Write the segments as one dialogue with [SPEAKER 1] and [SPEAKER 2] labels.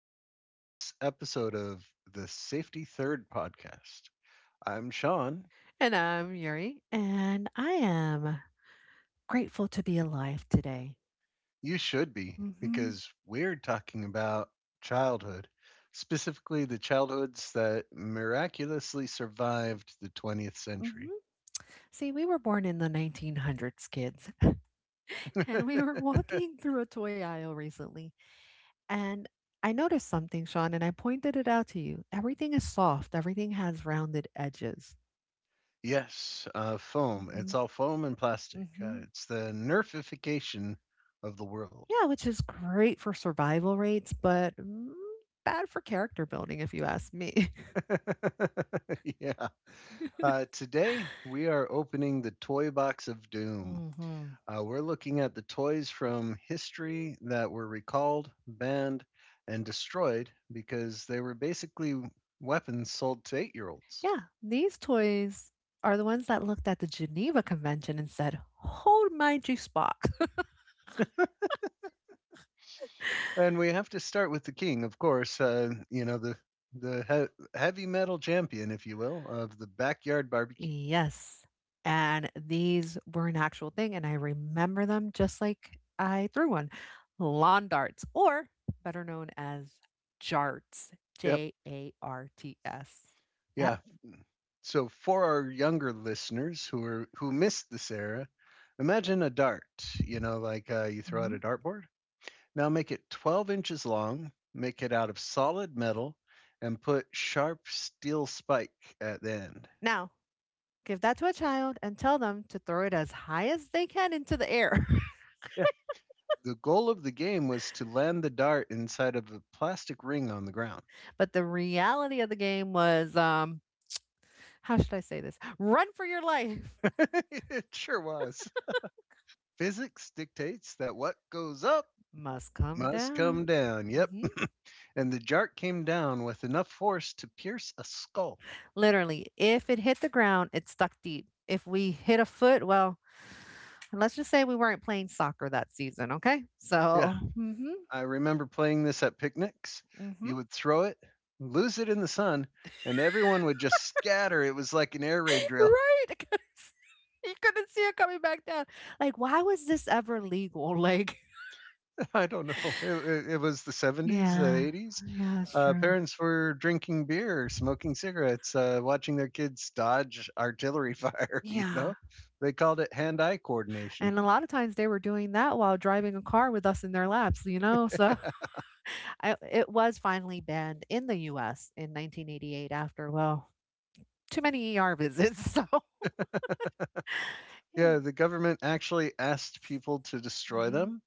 [SPEAKER 1] welcome to this episode of the Safety Third podcast. I'm Sean.
[SPEAKER 2] And I'm Yuri, and I am grateful to be alive today.
[SPEAKER 1] You should be,
[SPEAKER 2] hmm
[SPEAKER 1] because we're talking about childhood, specifically the childhoods that miraculously survived the 20th century.
[SPEAKER 2] hmm See, we were born in the 1900s, kids, and we were walking through a toy aisle recently, and I noticed something, Sean, and I pointed it out to you. Everything is soft. Everything has rounded edges.
[SPEAKER 1] Yes, foam. It's
[SPEAKER 2] hmm
[SPEAKER 1] all foam and plastic.
[SPEAKER 2] hmm
[SPEAKER 1] It's the nerfification of the world.
[SPEAKER 2] Yeah, which is great for survival rates, but bad for character building, if you ask me.
[SPEAKER 1] yeah. Today, we are opening the Toy Box of Doom.
[SPEAKER 2] hmm
[SPEAKER 1] We're looking at the toys from history that were recalled, banned, and destroyed because they were basically weapons sold to 8-year olds.
[SPEAKER 2] Yeah, these toys are the ones that looked at the Geneva Convention and said, hold my G spot.
[SPEAKER 1] And we have to start with the king, of course, heavy metal champion, if you will, of the backyard barbecue.
[SPEAKER 2] Yes. And these were an actual thing. And I remember them just like I threw one lawn darts, or better known as jarts,
[SPEAKER 1] Yep.
[SPEAKER 2] J A R T S. Yep.
[SPEAKER 1] Yeah. So for our younger listeners who missed this era, imagine a dart, like you throw out a
[SPEAKER 2] hmm
[SPEAKER 1] dartboard. Now make it 12 inches long, make it out of solid metal, and put sharp steel spike at the end.
[SPEAKER 2] Now, give that to a child and tell them to throw it as high as they can into the air.
[SPEAKER 1] Yeah. The goal of the game was to land the dart inside of a plastic ring on the ground.
[SPEAKER 2] But the reality of the game was how should I say this? Run for your life.
[SPEAKER 1] it sure was. Physics dictates that what goes up
[SPEAKER 2] Must come
[SPEAKER 1] must
[SPEAKER 2] down.
[SPEAKER 1] come down. Yep.
[SPEAKER 2] Mhm.
[SPEAKER 1] And the dart came down with enough force to pierce a skull.
[SPEAKER 2] Literally, if it hit the ground, it stuck deep. If we hit a foot, well, and let's just say we weren't playing soccer that season, okay?
[SPEAKER 1] Yeah. I remember playing this at picnics.
[SPEAKER 2] Hmm
[SPEAKER 1] You would throw it, lose it in the sun, and everyone would just scatter. It was like an air raid drill.
[SPEAKER 2] right? 'Cause you couldn't see it coming back down. Like, why was this ever legal? Like,
[SPEAKER 1] I don't know. It was the 70s, the
[SPEAKER 2] yeah,
[SPEAKER 1] 80s.
[SPEAKER 2] yeah, that's true.
[SPEAKER 1] Parents were drinking beer, smoking cigarettes, watching their kids dodge artillery fire.
[SPEAKER 2] Yeah.
[SPEAKER 1] They called it hand eye coordination.
[SPEAKER 2] And a lot of times they were doing that while driving a car with us in their laps, you know? So, it was finally banned in the US in 1988 after, well, too many ER visits. So, yeah.
[SPEAKER 1] Yeah, the government actually asked people to destroy
[SPEAKER 2] Mhm.
[SPEAKER 1] them.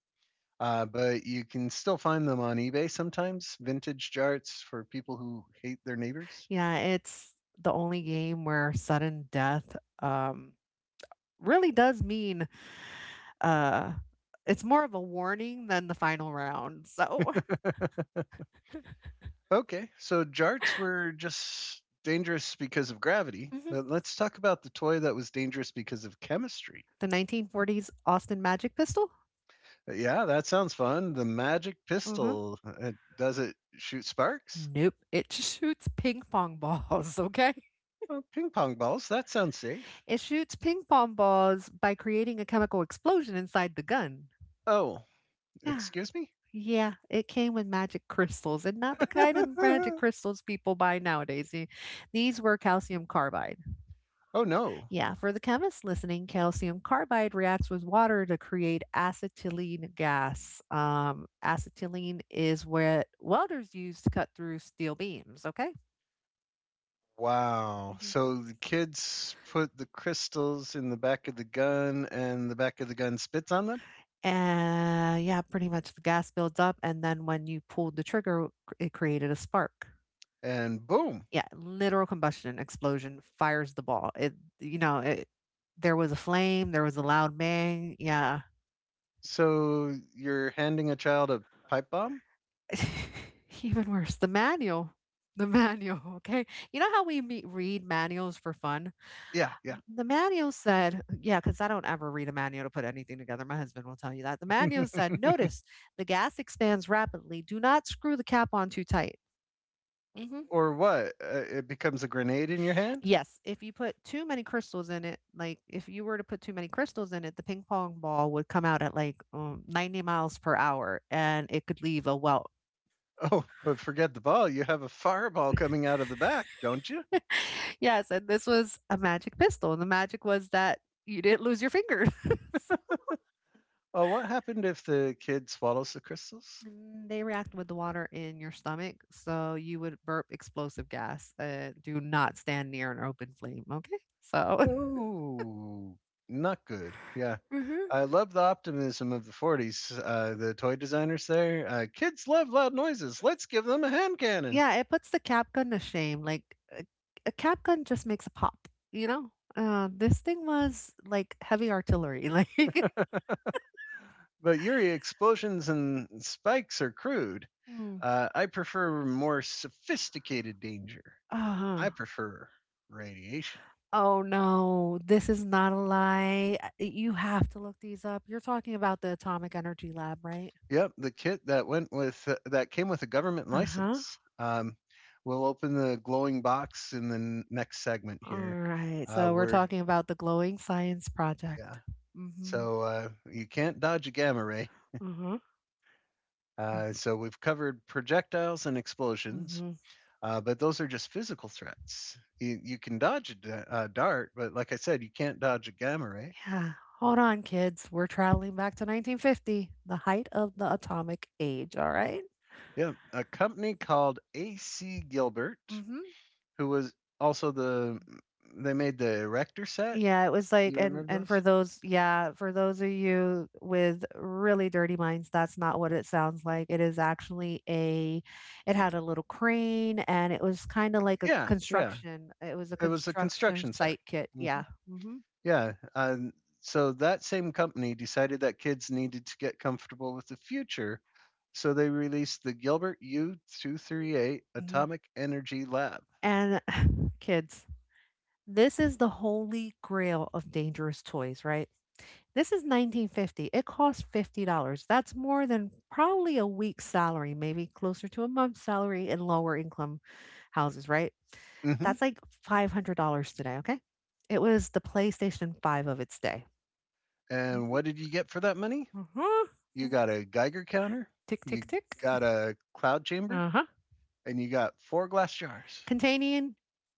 [SPEAKER 1] But you can still find them on eBay sometimes, vintage charts for people who hate their neighbors.
[SPEAKER 2] Yeah, it's the only game where sudden death really does mean uh, it's more of a warning than the final round. So,
[SPEAKER 1] Okay, so jarts were just dangerous because of gravity,
[SPEAKER 2] mhm.
[SPEAKER 1] but let's talk about the toy that was dangerous because of chemistry.
[SPEAKER 2] The 1940s Austin Magic Pistol?
[SPEAKER 1] Yeah, that sounds fun. The magic
[SPEAKER 2] Mhm.
[SPEAKER 1] pistol. Does it shoot sparks?
[SPEAKER 2] Nope. It shoots ping pong balls, okay?
[SPEAKER 1] Oh, ping pong balls. That sounds safe.
[SPEAKER 2] It shoots ping pong balls by creating a chemical explosion inside the gun.
[SPEAKER 1] Oh,
[SPEAKER 2] Yeah.
[SPEAKER 1] excuse me?
[SPEAKER 2] Yeah, it came with magic crystals and not the kind of magic crystals people buy nowadays. The- these were calcium carbide.
[SPEAKER 1] oh, no.
[SPEAKER 2] Yeah, for the chemists listening, calcium carbide reacts with water to create acetylene gas. Acetylene is what welders use to cut through steel beams, okay?
[SPEAKER 1] Wow.
[SPEAKER 2] hmm
[SPEAKER 1] So the kids put the crystals in the back of the gun, and the back of the gun spits on them,
[SPEAKER 2] And yeah, pretty much the gas builds up, and then when you pulled the trigger, it created a spark.
[SPEAKER 1] and boom.
[SPEAKER 2] Yeah, literal combustion explosion fires the ball. It you know, it There was a flame, there was a loud bang, yeah.
[SPEAKER 1] So you're handing a child a pipe bomb?
[SPEAKER 2] Even worse, the manual. The manual, okay? You know how we me read manuals for fun?
[SPEAKER 1] Yeah, yeah.
[SPEAKER 2] The manual said, "Yeah," because I don't ever read a manual to put anything together, my husband will tell you that. The manual said, "Notice, the gas expands rapidly. Do not screw the cap on too tight." Mhm.
[SPEAKER 1] Or what? It becomes a grenade in your hand?
[SPEAKER 2] Yes, if you put too many crystals in it, like if you were to put too many crystals in it, the ping pong ball would come out at like 90 miles per hour and it could leave a welt.
[SPEAKER 1] Oh, but forget the ball. You have a fireball coming out of the back, don't you?
[SPEAKER 2] Yes, and this was a magic pistol. And the magic was that you didn't lose your finger. So-
[SPEAKER 1] Oh, what happened if the kid swallows the crystals?
[SPEAKER 2] and they react with the water in your stomach. So you would burp explosive gas. Do not stand near an open flame. Okay. So.
[SPEAKER 1] Oh, not good. Yeah.
[SPEAKER 2] hmm
[SPEAKER 1] I love the optimism of the 40s. The toy designers there. Kids love loud noises. Let's give them a hand cannon.
[SPEAKER 2] Yeah, it puts the cap gun to shame. A cap gun just makes a pop, you know? This thing was like heavy artillery. Like,
[SPEAKER 1] But Yuri, explosions and spikes are crude.
[SPEAKER 2] hmm.
[SPEAKER 1] I prefer more sophisticated danger.
[SPEAKER 2] uh
[SPEAKER 1] I prefer radiation.
[SPEAKER 2] oh no, this is not a lie. You have to look these up. You're talking about the Atomic Energy Lab, right?
[SPEAKER 1] Yep, the kit that came with a government
[SPEAKER 2] Uh huh.
[SPEAKER 1] license. We'll open the glowing box in the next segment
[SPEAKER 2] All
[SPEAKER 1] here.
[SPEAKER 2] right. So we're
[SPEAKER 1] We're
[SPEAKER 2] talking about the Glowing Science
[SPEAKER 1] yeah,
[SPEAKER 2] Project. Mm hmm.
[SPEAKER 1] so uh, you can't dodge a gamma ray.
[SPEAKER 2] Uh huh.
[SPEAKER 1] So we've covered projectiles and
[SPEAKER 2] Mm
[SPEAKER 1] explosions,
[SPEAKER 2] hmm.
[SPEAKER 1] but those are just physical threats. You can dodge a dart, but like I said, you can't dodge a gamma ray.
[SPEAKER 2] Yeah. Hold on, kids. We're traveling back to 1950, the height of the atomic age. All right.
[SPEAKER 1] Yeah, a company called AC Gilbert,
[SPEAKER 2] Mm-hmm.
[SPEAKER 1] who was also the they made the Erector set.
[SPEAKER 2] Yeah, it was like,
[SPEAKER 1] You
[SPEAKER 2] and
[SPEAKER 1] remember
[SPEAKER 2] and for
[SPEAKER 1] those?
[SPEAKER 2] those, yeah, for those of you with really dirty minds, that's not what it sounds like. It is actually a, it had a little crane, and it was kind of like a
[SPEAKER 1] Yeah, yeah.
[SPEAKER 2] construction. It was a
[SPEAKER 1] It was a
[SPEAKER 2] construction
[SPEAKER 1] construction set.
[SPEAKER 2] site kit.
[SPEAKER 1] Mhm.
[SPEAKER 2] Yeah. hmm
[SPEAKER 1] Yeah. So that same company decided that kids needed to get comfortable with the future, so they released the Gilbert U-238
[SPEAKER 2] hmm
[SPEAKER 1] Atomic Energy Lab.
[SPEAKER 2] And kids, this is the holy grail of dangerous toys, right? This is 1950. It costs $50. That's more than probably a week's salary, maybe closer to a month's salary in lower income houses, right?
[SPEAKER 1] Hmm
[SPEAKER 2] That's like $500 today, okay? It was the PlayStation 5 of its day.
[SPEAKER 1] And
[SPEAKER 2] Mhm.
[SPEAKER 1] what did you get for that money?
[SPEAKER 2] Uh-huh.
[SPEAKER 1] You got a Geiger counter.
[SPEAKER 2] Tick,
[SPEAKER 1] You
[SPEAKER 2] tick, tick.
[SPEAKER 1] got a cloud chamber.
[SPEAKER 2] Uh-huh.
[SPEAKER 1] And you got four glass jars.
[SPEAKER 2] Containing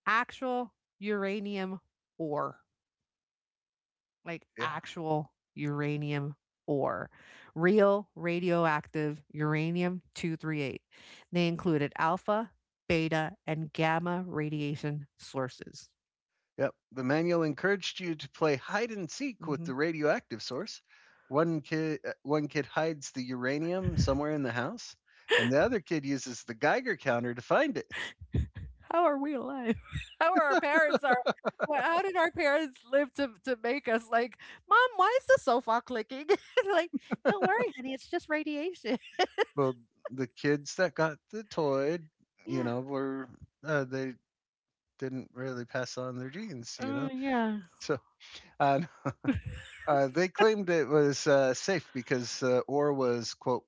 [SPEAKER 2] actual uranium ore. Like
[SPEAKER 1] Yeah.
[SPEAKER 2] actual uranium ore, real radioactive uranium 238. They included alpha, beta, and gamma radiation sources.
[SPEAKER 1] Yep. The manual encouraged you to play hide and seek with
[SPEAKER 2] hmm
[SPEAKER 1] the radioactive source. One kid hides the uranium somewhere in the house, and the other kid uses the Geiger counter to find it.
[SPEAKER 2] How are we alive? How are our parents are? How did our parents live to make us like, mom? Why is the sofa clicking? Like, don't worry, honey, it's just radiation.
[SPEAKER 1] Well, the kids that got the toy, you
[SPEAKER 2] Yeah.
[SPEAKER 1] know, were they didn't really pass on their genes.
[SPEAKER 2] Yeah.
[SPEAKER 1] So uh, they claimed it was safe because ore was quote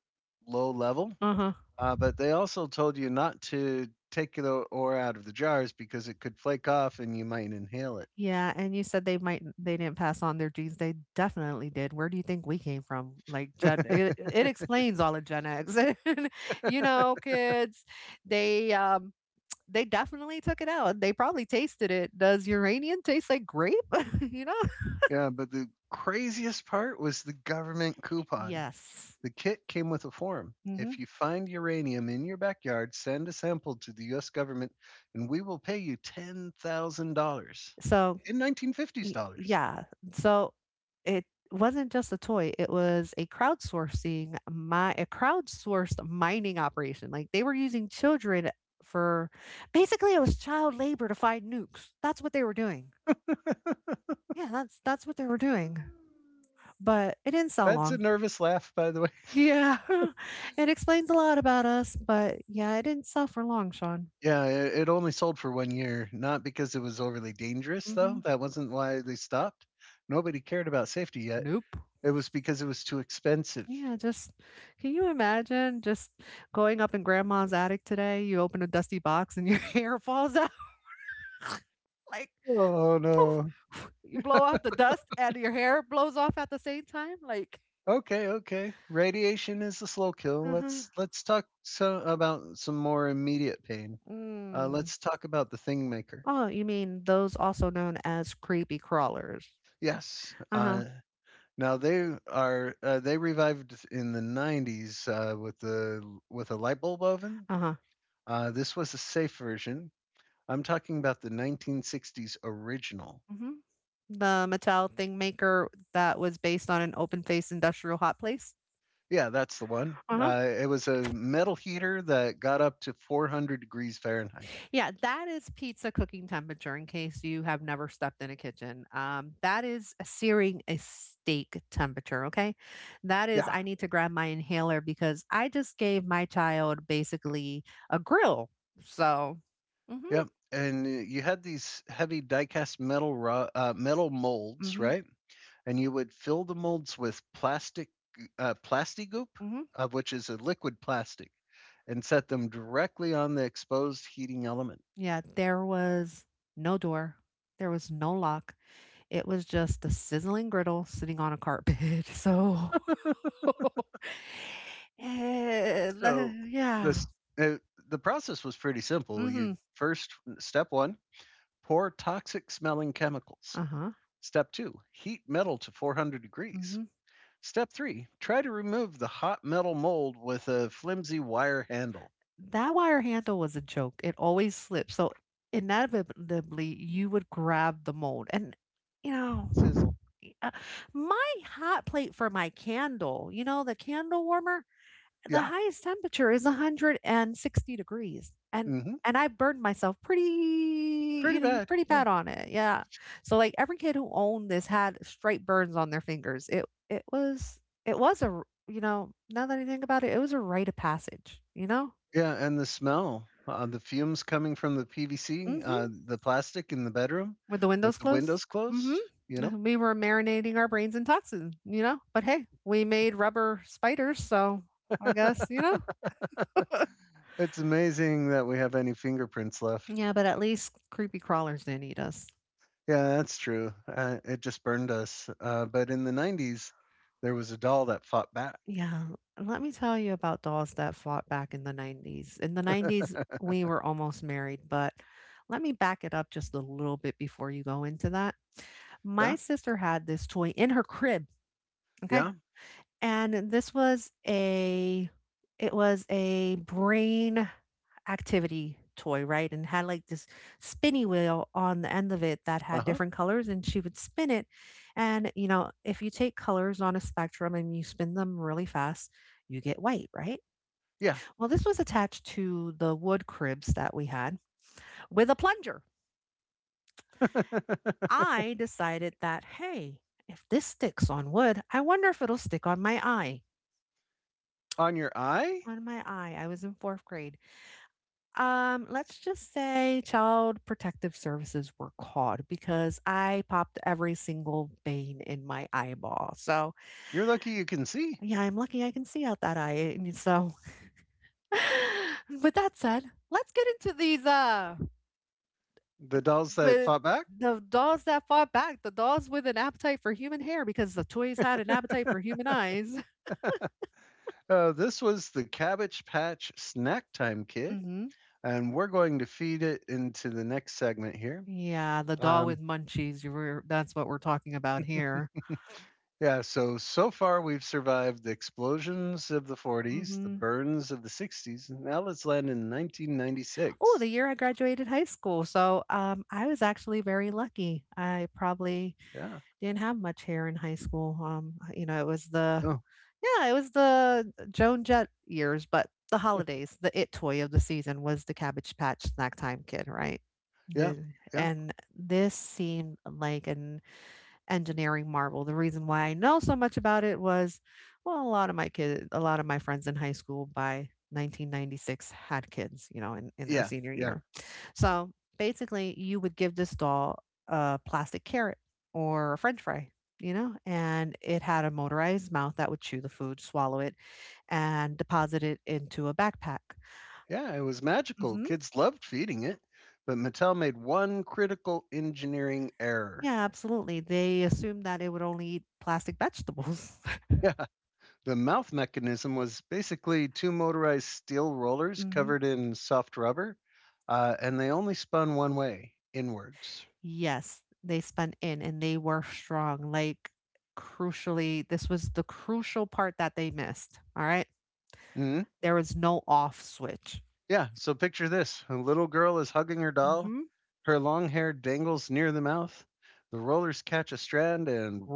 [SPEAKER 1] low level.
[SPEAKER 2] Uh huh.
[SPEAKER 1] But they also told you not to take the ore out of the jars because it could flake off and you might inhale it.
[SPEAKER 2] Yeah, and you said they didn't pass on their genes. They definitely did. Where do you think we came from? Like Gen it, it explains all of Gen X. And, you know, kids, they um they definitely took it out. They probably tasted it. Does uranium taste like grape? You know?
[SPEAKER 1] Yeah, but the craziest part was the government coupon.
[SPEAKER 2] Yes.
[SPEAKER 1] The kit came with a form.
[SPEAKER 2] hmm
[SPEAKER 1] If you find uranium in your backyard, send a sample to the US government and we will pay you $10,000
[SPEAKER 2] So
[SPEAKER 1] in 1950s
[SPEAKER 2] Y-
[SPEAKER 1] dollars.
[SPEAKER 2] yeah. So it wasn't just a toy, it was a crowdsourcing my a crowdsourced mining operation. Like they were using children for basically it was child labor to find nukes. That's what they were doing. Yeah, that's what they were doing. But it didn't sell
[SPEAKER 1] That's a
[SPEAKER 2] long.
[SPEAKER 1] nervous laugh, by the way.
[SPEAKER 2] Yeah. It explains a lot about us, but yeah, it didn't sell for long, Sean.
[SPEAKER 1] Yeah, it only sold for one year, not because it was overly dangerous,
[SPEAKER 2] hmm
[SPEAKER 1] though. That wasn't why they stopped. Nobody cared about safety yet.
[SPEAKER 2] Nope.
[SPEAKER 1] It was because it was too expensive.
[SPEAKER 2] Yeah, just can you imagine just going up in grandma's attic today? You open a dusty box and your hair falls out. Like,
[SPEAKER 1] Oh
[SPEAKER 2] poof,
[SPEAKER 1] no.
[SPEAKER 2] poof, you blow off the dust and your hair blows off at the same time. Like,
[SPEAKER 1] Okay, okay. Radiation is a slow kill.
[SPEAKER 2] uh-huh.
[SPEAKER 1] Let's talk so about some more immediate pain.
[SPEAKER 2] Mm.
[SPEAKER 1] Let's talk about the Thing Maker.
[SPEAKER 2] Oh, you mean those also known as creepy crawlers?
[SPEAKER 1] Yes.
[SPEAKER 2] Uh-huh.
[SPEAKER 1] Now they revived in the '90s with the with a light bulb oven.
[SPEAKER 2] Uh-huh.
[SPEAKER 1] This was a safe version. I'm talking about the 1960s original.
[SPEAKER 2] hmm The Mattel thing maker that was based on an open-faced industrial hot place.
[SPEAKER 1] Yeah, that's the one.
[SPEAKER 2] Uh-huh.
[SPEAKER 1] It was a metal heater that got up to 400 degrees Fahrenheit.
[SPEAKER 2] Yeah, that is pizza cooking temperature in case you have never stepped in a kitchen. That is a searing a steak temperature, okay?
[SPEAKER 1] Yeah,
[SPEAKER 2] I need to grab my inhaler because I just gave my child basically a grill. So,
[SPEAKER 1] yeah.
[SPEAKER 2] mhm,
[SPEAKER 1] And you had these heavy die-cast metal molds,
[SPEAKER 2] mhm,
[SPEAKER 1] right? And you would fill the molds with plasti goop,
[SPEAKER 2] mhm.
[SPEAKER 1] which is a liquid plastic, and set them directly on the exposed heating element.
[SPEAKER 2] Yeah, there was no door. There was no lock. It was just a sizzling griddle sitting on a carpet. So,
[SPEAKER 1] So
[SPEAKER 2] yeah.
[SPEAKER 1] this uh, the process was pretty simple. You
[SPEAKER 2] hmm
[SPEAKER 1] First, step one, pour toxic smelling chemicals.
[SPEAKER 2] Uh-huh.
[SPEAKER 1] Step two, heat metal to 400 degrees.
[SPEAKER 2] Mhm.
[SPEAKER 1] Step three, try to remove the hot metal mold with a flimsy wire handle.
[SPEAKER 2] That wire handle was a joke. It always slipped. So inevitably, you would grab the mold. And, you know,
[SPEAKER 1] Sizzle.
[SPEAKER 2] uh, my hot plate for my candle, you know, the candle warmer, the
[SPEAKER 1] Yeah.
[SPEAKER 2] highest temperature is 160 degrees. And
[SPEAKER 1] Hmm.
[SPEAKER 2] and I burned myself pretty, you
[SPEAKER 1] Pretty
[SPEAKER 2] know,
[SPEAKER 1] bad.
[SPEAKER 2] pretty
[SPEAKER 1] Yeah.
[SPEAKER 2] bad on it. Yeah. So like every kid who owned this had straight burns on their fingers. It was it was a, you know, now that I think about it, it was a rite of passage, you know?
[SPEAKER 1] Yeah. And the fumes coming from the PVC,
[SPEAKER 2] Mhm.
[SPEAKER 1] the plastic in the bedroom
[SPEAKER 2] With the
[SPEAKER 1] with
[SPEAKER 2] windows
[SPEAKER 1] the
[SPEAKER 2] closed?
[SPEAKER 1] windows
[SPEAKER 2] Mhm.
[SPEAKER 1] closed, you know?
[SPEAKER 2] We were marinating our brains in toxin, you know? But hey, we made rubber spiders, so I guess, you know?
[SPEAKER 1] It's amazing that we have any fingerprints left.
[SPEAKER 2] Yeah, but at least creepy crawlers didn't eat us.
[SPEAKER 1] Yeah, that's true. It just burned us. But in the 90s, there was a doll that fought back.
[SPEAKER 2] Yeah. Let me tell you about dolls that fought back in the 90s. In the 90s, we were almost married, but let me back it up just a little bit before you go into that.
[SPEAKER 1] Yeah,
[SPEAKER 2] My sister had this toy in her crib, okay?
[SPEAKER 1] yeah,
[SPEAKER 2] And this was a brain activity toy, right? And had like this spinny wheel on the end of it that
[SPEAKER 1] uh
[SPEAKER 2] had
[SPEAKER 1] huh.
[SPEAKER 2] different colors and she would spin it. And you know, if you take colors on a spectrum and you spin them really fast, you get white, right?
[SPEAKER 1] Yeah.
[SPEAKER 2] Well, this was attached to the wood cribs that we had with a plunger. I decided that, hey, if this sticks on wood, I wonder if it'll stick on my eye.
[SPEAKER 1] On your eye,
[SPEAKER 2] On my eye. I was in fourth grade. Let's just say child protective services were called because I popped every single vein in my eyeball. So,
[SPEAKER 1] you're lucky you can see
[SPEAKER 2] yeah, I'm lucky I can see out that eye. And so, with that said, let's get into these
[SPEAKER 1] the dolls that
[SPEAKER 2] with
[SPEAKER 1] fought back.
[SPEAKER 2] the dolls that fought back, the dolls with an appetite for human hair because the toys had an appetite for human eyes.
[SPEAKER 1] This was the Cabbage Patch Snack Time Kid.
[SPEAKER 2] Mhm.
[SPEAKER 1] And we're going to feed it into the next segment here.
[SPEAKER 2] Yeah, the doll
[SPEAKER 1] Um,
[SPEAKER 2] with munchies. You were That's what we're talking about here.
[SPEAKER 1] yeah, so far we've survived the explosions of the 40s, the burns of the 60s, and now let's land in
[SPEAKER 2] Oh,
[SPEAKER 1] 1996.
[SPEAKER 2] the year I graduated high school. So, I was actually very lucky. I probably
[SPEAKER 1] Yeah.
[SPEAKER 2] didn't have much hair in high school. You know, it was
[SPEAKER 1] Oh,
[SPEAKER 2] yeah, it was the Joan Jett years, but the holidays, the it toy of the season was the Cabbage Patch Snack Time Kid, right?
[SPEAKER 1] yeah.
[SPEAKER 2] The-
[SPEAKER 1] Yeah.
[SPEAKER 2] and this seemed like an engineering marvel. The reason why I know so much about it was, well, a lot of my friends in high school by 1996 had kids, you know, in their
[SPEAKER 1] Yeah,
[SPEAKER 2] senior
[SPEAKER 1] yeah.
[SPEAKER 2] year. So basically, you would give this doll a plastic carrot or a french fry, you know, and it had a motorized mouth that would chew the food, swallow it, and deposit it into a backpack.
[SPEAKER 1] Yeah, it was magical.
[SPEAKER 2] Hmm.
[SPEAKER 1] Kids loved feeding it, but Mattel made one critical engineering error.
[SPEAKER 2] Yeah, absolutely. They assumed that it would only eat plastic vegetables.
[SPEAKER 1] Yeah, the mouth mechanism was basically two motorized steel rollers covered in soft rubber, and they only spun one way, inwards.
[SPEAKER 2] Yes, they spun in and they were strong. Like, crucially, this was the crucial part that they missed. All right.
[SPEAKER 1] Hmm.
[SPEAKER 2] There was no off switch.
[SPEAKER 1] Yeah, so picture this: a little girl is hugging her doll,
[SPEAKER 2] Hmm.
[SPEAKER 1] her long hair dangles near the mouth, the rollers catch a strand, and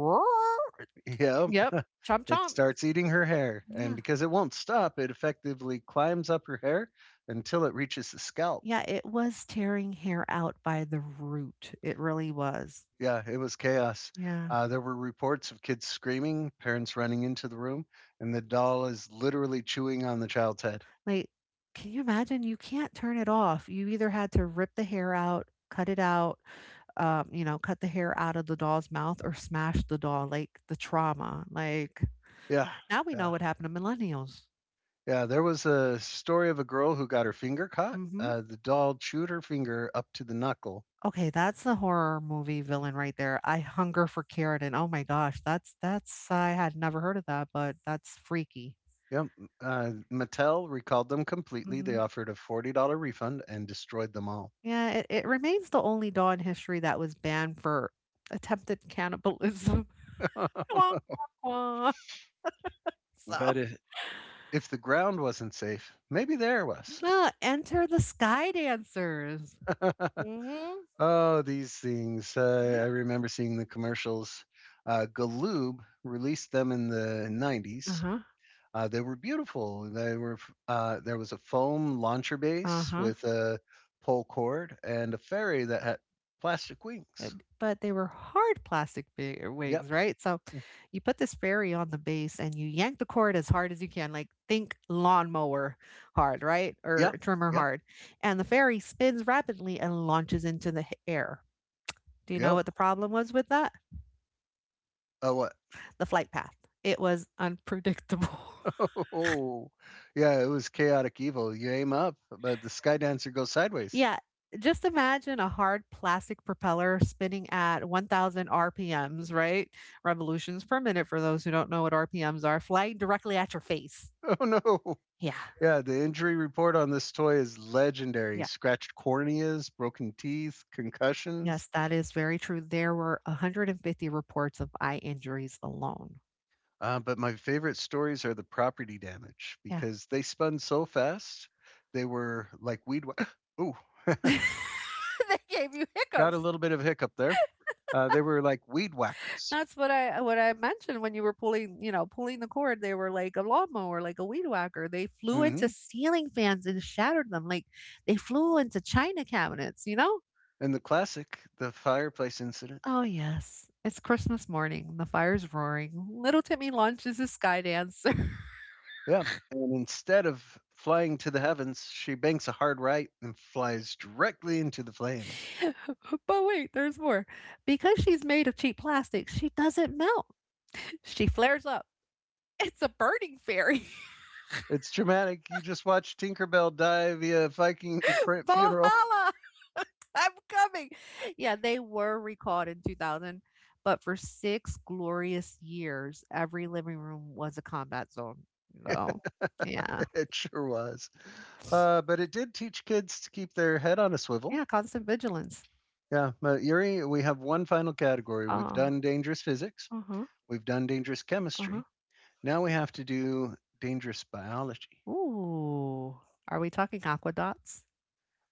[SPEAKER 1] yep.
[SPEAKER 2] Yep. Chomp
[SPEAKER 1] It
[SPEAKER 2] chomp.
[SPEAKER 1] starts eating her hair, and
[SPEAKER 2] Yeah.
[SPEAKER 1] because it won't stop, it effectively climbs up her hair until it reaches the scalp.
[SPEAKER 2] Yeah. It was tearing hair out by the root. It really was.
[SPEAKER 1] Yeah, it was chaos.
[SPEAKER 2] Yeah.
[SPEAKER 1] There were reports of kids screaming, parents running into the room, and the doll is literally chewing on the child's head.
[SPEAKER 2] Like, can you imagine? You can't turn it off. You either had to rip the hair out, cut it out, you know, cut the hair out of the doll's mouth or smash the doll, like the trauma. Like,
[SPEAKER 1] Yeah,
[SPEAKER 2] now we know
[SPEAKER 1] yeah,
[SPEAKER 2] what happened to millennials.
[SPEAKER 1] yeah. There was a story of a girl who got her finger caught.
[SPEAKER 2] Mhm.
[SPEAKER 1] The doll chewed her finger up to the knuckle.
[SPEAKER 2] Okay, that's a horror movie villain right there. I hunger for Carradine. Oh my gosh, that's I had never heard of that, but that's freaky.
[SPEAKER 1] Yep. Mattel recalled them completely. They
[SPEAKER 2] Mhm.
[SPEAKER 1] offered a $40 refund and destroyed them all.
[SPEAKER 2] Yeah, it remains the only doll in history that was banned for attempted cannibalism. Wah, wah, wah. So,
[SPEAKER 1] That is If the ground wasn't safe, maybe the air was.
[SPEAKER 2] enter the Sky Dancers. Mhm.
[SPEAKER 1] Oh, these things.
[SPEAKER 2] Yeah.
[SPEAKER 1] I remember seeing the commercials. Galoob released them in the
[SPEAKER 2] Uh
[SPEAKER 1] 90s.
[SPEAKER 2] huh.
[SPEAKER 1] They were beautiful. They were. There was a foam launcher
[SPEAKER 2] Uh
[SPEAKER 1] base
[SPEAKER 2] huh.
[SPEAKER 1] with a pole cord and a ferry that had plastic
[SPEAKER 2] Uh,
[SPEAKER 1] wings.
[SPEAKER 2] But they were hard plastic
[SPEAKER 1] Yep,
[SPEAKER 2] wigs, right? So you put this fairy on the base and you yank the cord as hard as you can, like think lawnmower hard, right? Or
[SPEAKER 1] yep,
[SPEAKER 2] trimmer
[SPEAKER 1] yep,
[SPEAKER 2] hard. And the fairy spins rapidly and launches into the air. Do you know
[SPEAKER 1] yep.
[SPEAKER 2] what the problem was with that?
[SPEAKER 1] Oh, what?
[SPEAKER 2] The flight path. It was unpredictable.
[SPEAKER 1] Oh, yeah. It was chaotic evil. You aim up, but the sky dancer goes sideways.
[SPEAKER 2] Yeah, just imagine a hard plastic propeller spinning at 1,000 RPMs, right? Revolutions per minute, for those who don't know what RPMs are, flying directly at your face.
[SPEAKER 1] Oh no!
[SPEAKER 2] Yeah.
[SPEAKER 1] Yeah, the injury report on this toy is legendary.
[SPEAKER 2] Yeah.
[SPEAKER 1] Scratched corneas, broken teeth, concussions.
[SPEAKER 2] Yes, that is very true. There were 150 reports of eye injuries alone.
[SPEAKER 1] But my favorite stories are the property damage
[SPEAKER 2] Yeah.
[SPEAKER 1] because they spun so fast. They were like weed. Ooh,
[SPEAKER 2] They gave you
[SPEAKER 1] got a
[SPEAKER 2] hiccups.
[SPEAKER 1] little bit of hiccup there. They were like weed whackers.
[SPEAKER 2] That's what I mentioned when you were pulling, you know, pulling the cord. They were like a lawnmower, like a weed whacker. They flew into
[SPEAKER 1] Hmm.
[SPEAKER 2] ceiling fans and shattered them. Like they flew into china cabinets, you know?
[SPEAKER 1] And the classic, the fireplace incident.
[SPEAKER 2] Oh yes. It's Christmas morning. The fire's roaring. Little Timmy launches his sky dance.
[SPEAKER 1] Yeah. And instead of flying to the heavens, she banks a hard right and flies directly into the flames.
[SPEAKER 2] But wait, there's more. Because she's made of cheap plastic, she doesn't melt. She flares up. It's a burning fairy.
[SPEAKER 1] It's traumatic. You just watched Tinkerbell die via Viking fr- funeral.
[SPEAKER 2] Valhalla. I'm coming. Yeah, they were recalled in 2000, but for 6 glorious years, every living room was a combat zone. So, yeah.
[SPEAKER 1] it sure was. But it did teach kids to keep their head on a swivel.
[SPEAKER 2] Yeah, constant vigilance.
[SPEAKER 1] Yeah, but Yuri, we have one final category. We've
[SPEAKER 2] Oh,
[SPEAKER 1] done dangerous physics,
[SPEAKER 2] uh-huh,
[SPEAKER 1] we've done dangerous
[SPEAKER 2] uh-huh.
[SPEAKER 1] chemistry. Now we have to do dangerous biology.
[SPEAKER 2] Ooh. Are we talking aquadots?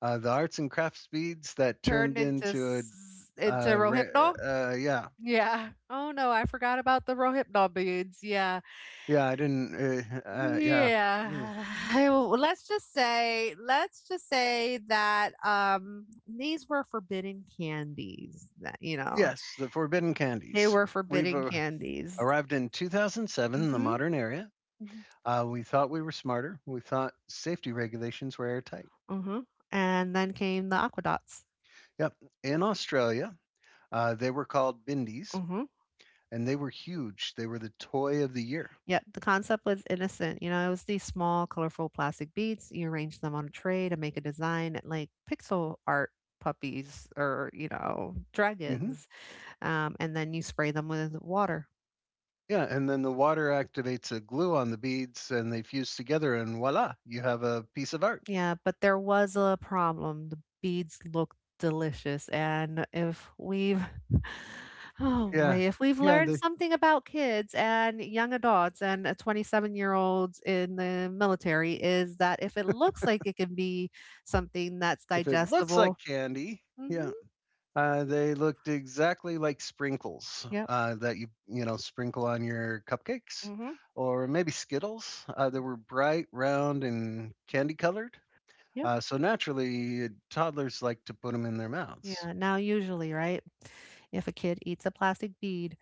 [SPEAKER 1] The arts and crafts beads that
[SPEAKER 2] Turned
[SPEAKER 1] turned
[SPEAKER 2] into
[SPEAKER 1] into
[SPEAKER 2] into Rohypnol?
[SPEAKER 1] yeah,
[SPEAKER 2] Yeah. Oh no, I forgot about the Rohypnol beads. Yeah.
[SPEAKER 1] yeah, I didn't, yeah. Ooh.
[SPEAKER 2] Yeah, let's just say that these were forbidden candies. That you know,
[SPEAKER 1] Yes, the forbidden
[SPEAKER 2] they
[SPEAKER 1] candies.
[SPEAKER 2] were
[SPEAKER 1] We've
[SPEAKER 2] forbidden candies.
[SPEAKER 1] arrived in 2007 in the
[SPEAKER 2] Mm-hmm.
[SPEAKER 1] modern area. We thought we were smarter. We thought safety regulations were airtight.
[SPEAKER 2] Mm-hmm. And then came the Aquadots. Dots.
[SPEAKER 1] Yep. In Australia, they were called Bindies
[SPEAKER 2] Mm-hmm.
[SPEAKER 1] and they were huge. They were the toy of the year.
[SPEAKER 2] Yeah, the concept was innocent. You know, it was these small, colorful plastic beads. You arrange them on a tray to make a design like pixel art puppies or you know
[SPEAKER 1] Mm hmm
[SPEAKER 2] dragons, and then you spray them with water.
[SPEAKER 1] Yeah. And then the water activates a glue on the beads and they fuse together, and voila, you have a piece of art.
[SPEAKER 2] Yeah, but there was a problem. The beads looked delicious, and if we've oh, yeah, boy,
[SPEAKER 1] Yeah.
[SPEAKER 2] if we've
[SPEAKER 1] Yeah.
[SPEAKER 2] learned something about kids and young adults and a 27-year-olds in the military is that if it looks like it can be something that's sounds like
[SPEAKER 1] If it looks
[SPEAKER 2] digestible.
[SPEAKER 1] like candy,
[SPEAKER 2] Mhm.
[SPEAKER 1] yeah. They looked exactly like sprinkles
[SPEAKER 2] Yeah. Yep.
[SPEAKER 1] that you know sprinkle on your cupcakes,
[SPEAKER 2] Mhm.
[SPEAKER 1] or maybe Skittles. They were bright, round, and candy colored.
[SPEAKER 2] Yep.
[SPEAKER 1] So naturally, toddlers like to put them in their mouths.
[SPEAKER 2] Yeah, now usually, right? If a kid eats a plastic bead,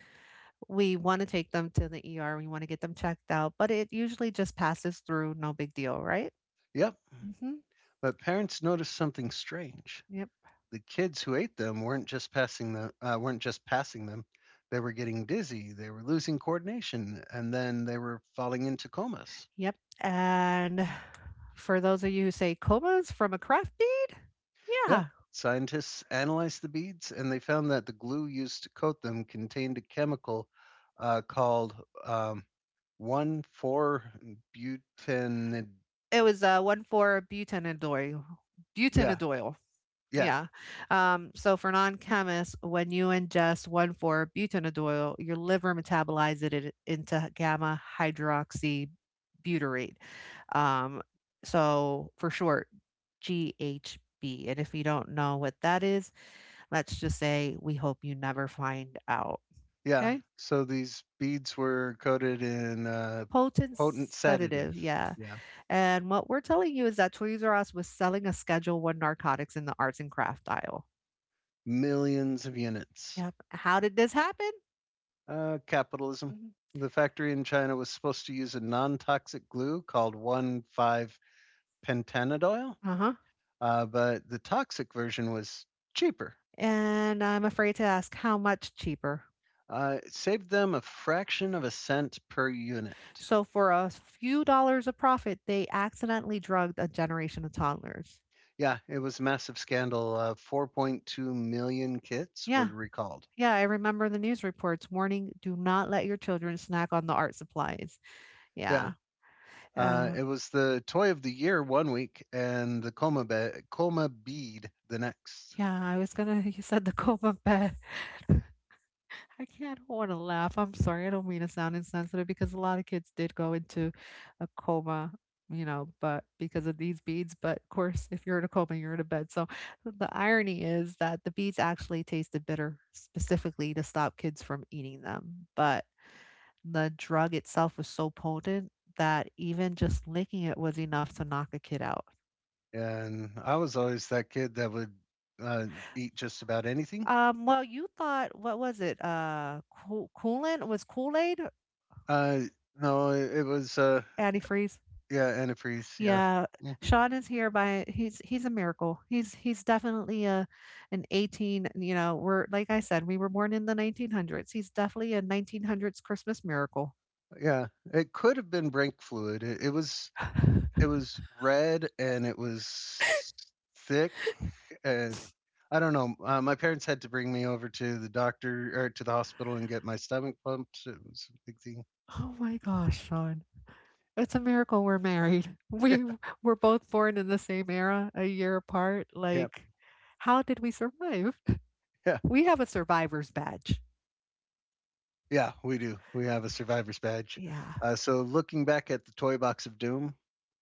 [SPEAKER 2] we want to take them to the ER. We want to get them checked out, but it usually just passes through, no big deal, right?
[SPEAKER 1] Yep.
[SPEAKER 2] Mhm.
[SPEAKER 1] But parents noticed something strange.
[SPEAKER 2] Yep,
[SPEAKER 1] The kids who ate them weren't just passing them. They were getting dizzy. They were losing coordination, and then they were falling into comas.
[SPEAKER 2] yep, and for those of you who say comas from a crafty,
[SPEAKER 1] Yeah.
[SPEAKER 2] yeah,
[SPEAKER 1] Scientists analyzed the beads and they found that the glue used to coat them contained a chemical called um, 1,4 butanid.
[SPEAKER 2] it was, 1,4-butanodoyl
[SPEAKER 1] Yeah,
[SPEAKER 2] butanodoyl,
[SPEAKER 1] yeah,
[SPEAKER 2] yeah, so for non-chemists, when you ingest 1,4-butanodoyl, your liver metabolizes it into gamma hydroxybutyrate, um, so for short, GHB, and if you don't know what that is, let's just say we hope you never find out.
[SPEAKER 1] yeah.
[SPEAKER 2] Okay.
[SPEAKER 1] So these beads were coated in a
[SPEAKER 2] Potent
[SPEAKER 1] potent sedative.
[SPEAKER 2] sedative, yeah,
[SPEAKER 1] Yeah,
[SPEAKER 2] and what we're telling you is that Toys R Us was selling a Schedule One narcotics in the arts and craft aisle.
[SPEAKER 1] millions of units.
[SPEAKER 2] Yep. How did this happen?
[SPEAKER 1] Capitalism.
[SPEAKER 2] Mm,
[SPEAKER 1] The factory in China was supposed to use a non toxic glue called 1,5 pentanediol
[SPEAKER 2] uh-huh,
[SPEAKER 1] but the toxic version was cheaper.
[SPEAKER 2] and I'm afraid to ask how much cheaper.
[SPEAKER 1] It saved them a fraction of a cent per unit.
[SPEAKER 2] So for a few dollars of profit, they accidentally drugged a generation of toddlers.
[SPEAKER 1] Yeah, it was a massive scandal. 4.2 million kits were
[SPEAKER 2] Yeah,
[SPEAKER 1] recalled.
[SPEAKER 2] yeah, I remember the news reports warning, "Do not let your children snack on the art supplies."
[SPEAKER 1] Yeah,
[SPEAKER 2] Yeah, uh,
[SPEAKER 1] it was the toy of the year one week, and the coma bead the next.
[SPEAKER 2] yeah, I was gonna you said the coma bed. I can't want to laugh. I'm sorry. I don't mean to sound insensitive because a lot of kids did go into a coma, you know, but because of these beads. But of course, if you're in a coma, you're in a bed. So the irony is that the beads actually tasted bitter specifically to stop kids from eating them. But the drug itself was so potent that even just licking it was enough to knock a kid out.
[SPEAKER 1] And I was always that kid that would uh, eat just about anything.
[SPEAKER 2] Well, you thought, what was it? Cool, coolant was Kool Aid
[SPEAKER 1] Uh, no, it was,
[SPEAKER 2] antifreeze.
[SPEAKER 1] yeah, antifreeze. Yeah.
[SPEAKER 2] Yeah, Sean is here by he's a miracle. He's definitely a an 18, you know, we're like I said, we were born in the 1900s. He's definitely a 1900s Christmas miracle.
[SPEAKER 1] Yeah, it could have been brake fluid. It it was it was red and it was thick and I don't know. My parents had to bring me over to the doctor or to the hospital and get my stomach pumped. It was a big thing.
[SPEAKER 2] Oh my gosh, Sean. It's a miracle we're married. We were both born in the same era, a year apart.
[SPEAKER 1] Yeah,
[SPEAKER 2] Like, how did we survive?
[SPEAKER 1] yeah,
[SPEAKER 2] We have a survivor's badge.
[SPEAKER 1] yeah. We do. We have a survivor's badge.
[SPEAKER 2] Yeah. Yes.
[SPEAKER 1] So looking back at the toy box of doom,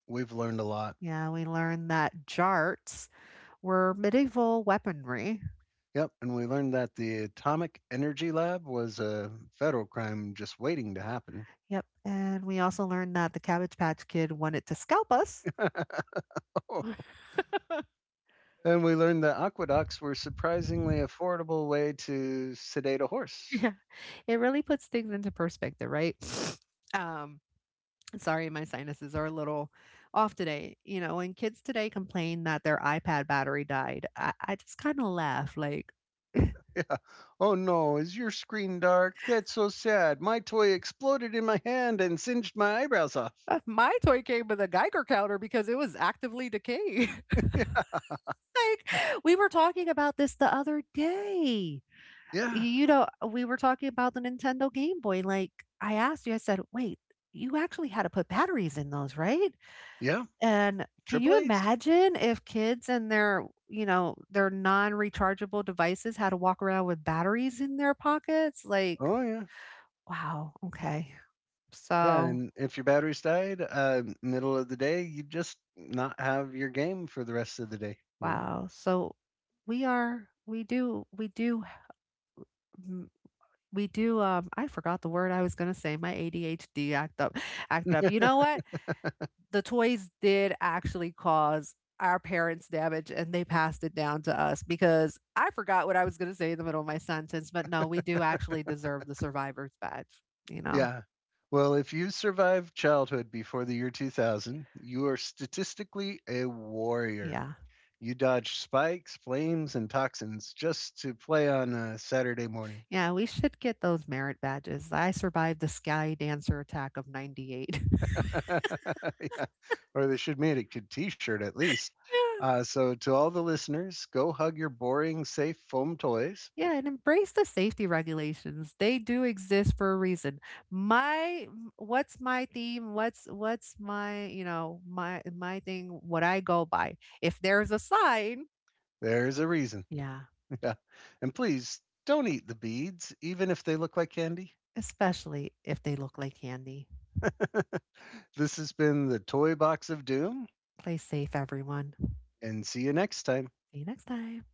[SPEAKER 1] we've learned a lot.
[SPEAKER 2] Yeah, we learned that jarts were medieval weaponry.
[SPEAKER 1] Yep, and we learned that the Atomic Energy Lab was a federal crime just waiting to happen.
[SPEAKER 2] Yep, and we also learned that the Cabbage Patch Kid wanted to scalp us.
[SPEAKER 1] And we learned that aqueducts were surprisingly affordable way to sedate a horse.
[SPEAKER 2] Yeah, it really puts things into perspective, right? Um, sorry, my sinuses are a little off today. You know, when kids today complain that their iPad battery died, I just kind of laugh like,
[SPEAKER 1] Yeah. Oh no, is your screen dark? That's so sad. My toy exploded in my hand and singed my eyebrows off.
[SPEAKER 2] My toy came with a Geiger counter because it was actively decaying."
[SPEAKER 1] Yeah.
[SPEAKER 2] Like, we were talking about this the other day.
[SPEAKER 1] Yeah.
[SPEAKER 2] You know, we were talking about the Nintendo Game Boy. Like, I asked you, I said, wait, you actually had to put batteries in those, right?
[SPEAKER 1] Yeah.
[SPEAKER 2] And can
[SPEAKER 1] Triple
[SPEAKER 2] you
[SPEAKER 1] A's.
[SPEAKER 2] imagine if kids and their, you know, their non rechargeable devices had to walk around with batteries in their pockets? Like,
[SPEAKER 1] Oh yeah.
[SPEAKER 2] wow. Okay.
[SPEAKER 1] Yeah,
[SPEAKER 2] So,
[SPEAKER 1] and if your batteries died, middle of the day, you just not have your game for the rest of the day, you know?
[SPEAKER 2] wow. So we do. mm, We do. I forgot the word I was gonna say. My ADHD act up. You know what? The toys did actually cause our parents damage and they passed it down to us because I forgot what I was going to say in the middle of my sentence, but no, we do actually deserve the survivor's badge, you know?
[SPEAKER 1] Yeah. Well, if you survived childhood before the year 2000, you are statistically a warrior.
[SPEAKER 2] Yeah.
[SPEAKER 1] You dodge spikes, flames, and toxins just to play on a Saturday morning.
[SPEAKER 2] Yeah, we should get those merit badges. I survived the Sky Dancer attack of 98.
[SPEAKER 1] yeah. Or they should make a good T-shirt at least. So to all the listeners, go hug your boring, safe foam toys.
[SPEAKER 2] Yeah, and embrace the safety regulations. They do exist for a reason. My what's my theme? What's my, you know, my thing what I go by. If there's a sign,
[SPEAKER 1] There's a reason.
[SPEAKER 2] yeah,
[SPEAKER 1] Yeah. And please don't eat the beads, even if they look like candy.
[SPEAKER 2] especially if they look like candy.
[SPEAKER 1] this has been the Toy Box of Doom,
[SPEAKER 2] Play safe, everyone.
[SPEAKER 1] and see you next time.
[SPEAKER 2] See you next time.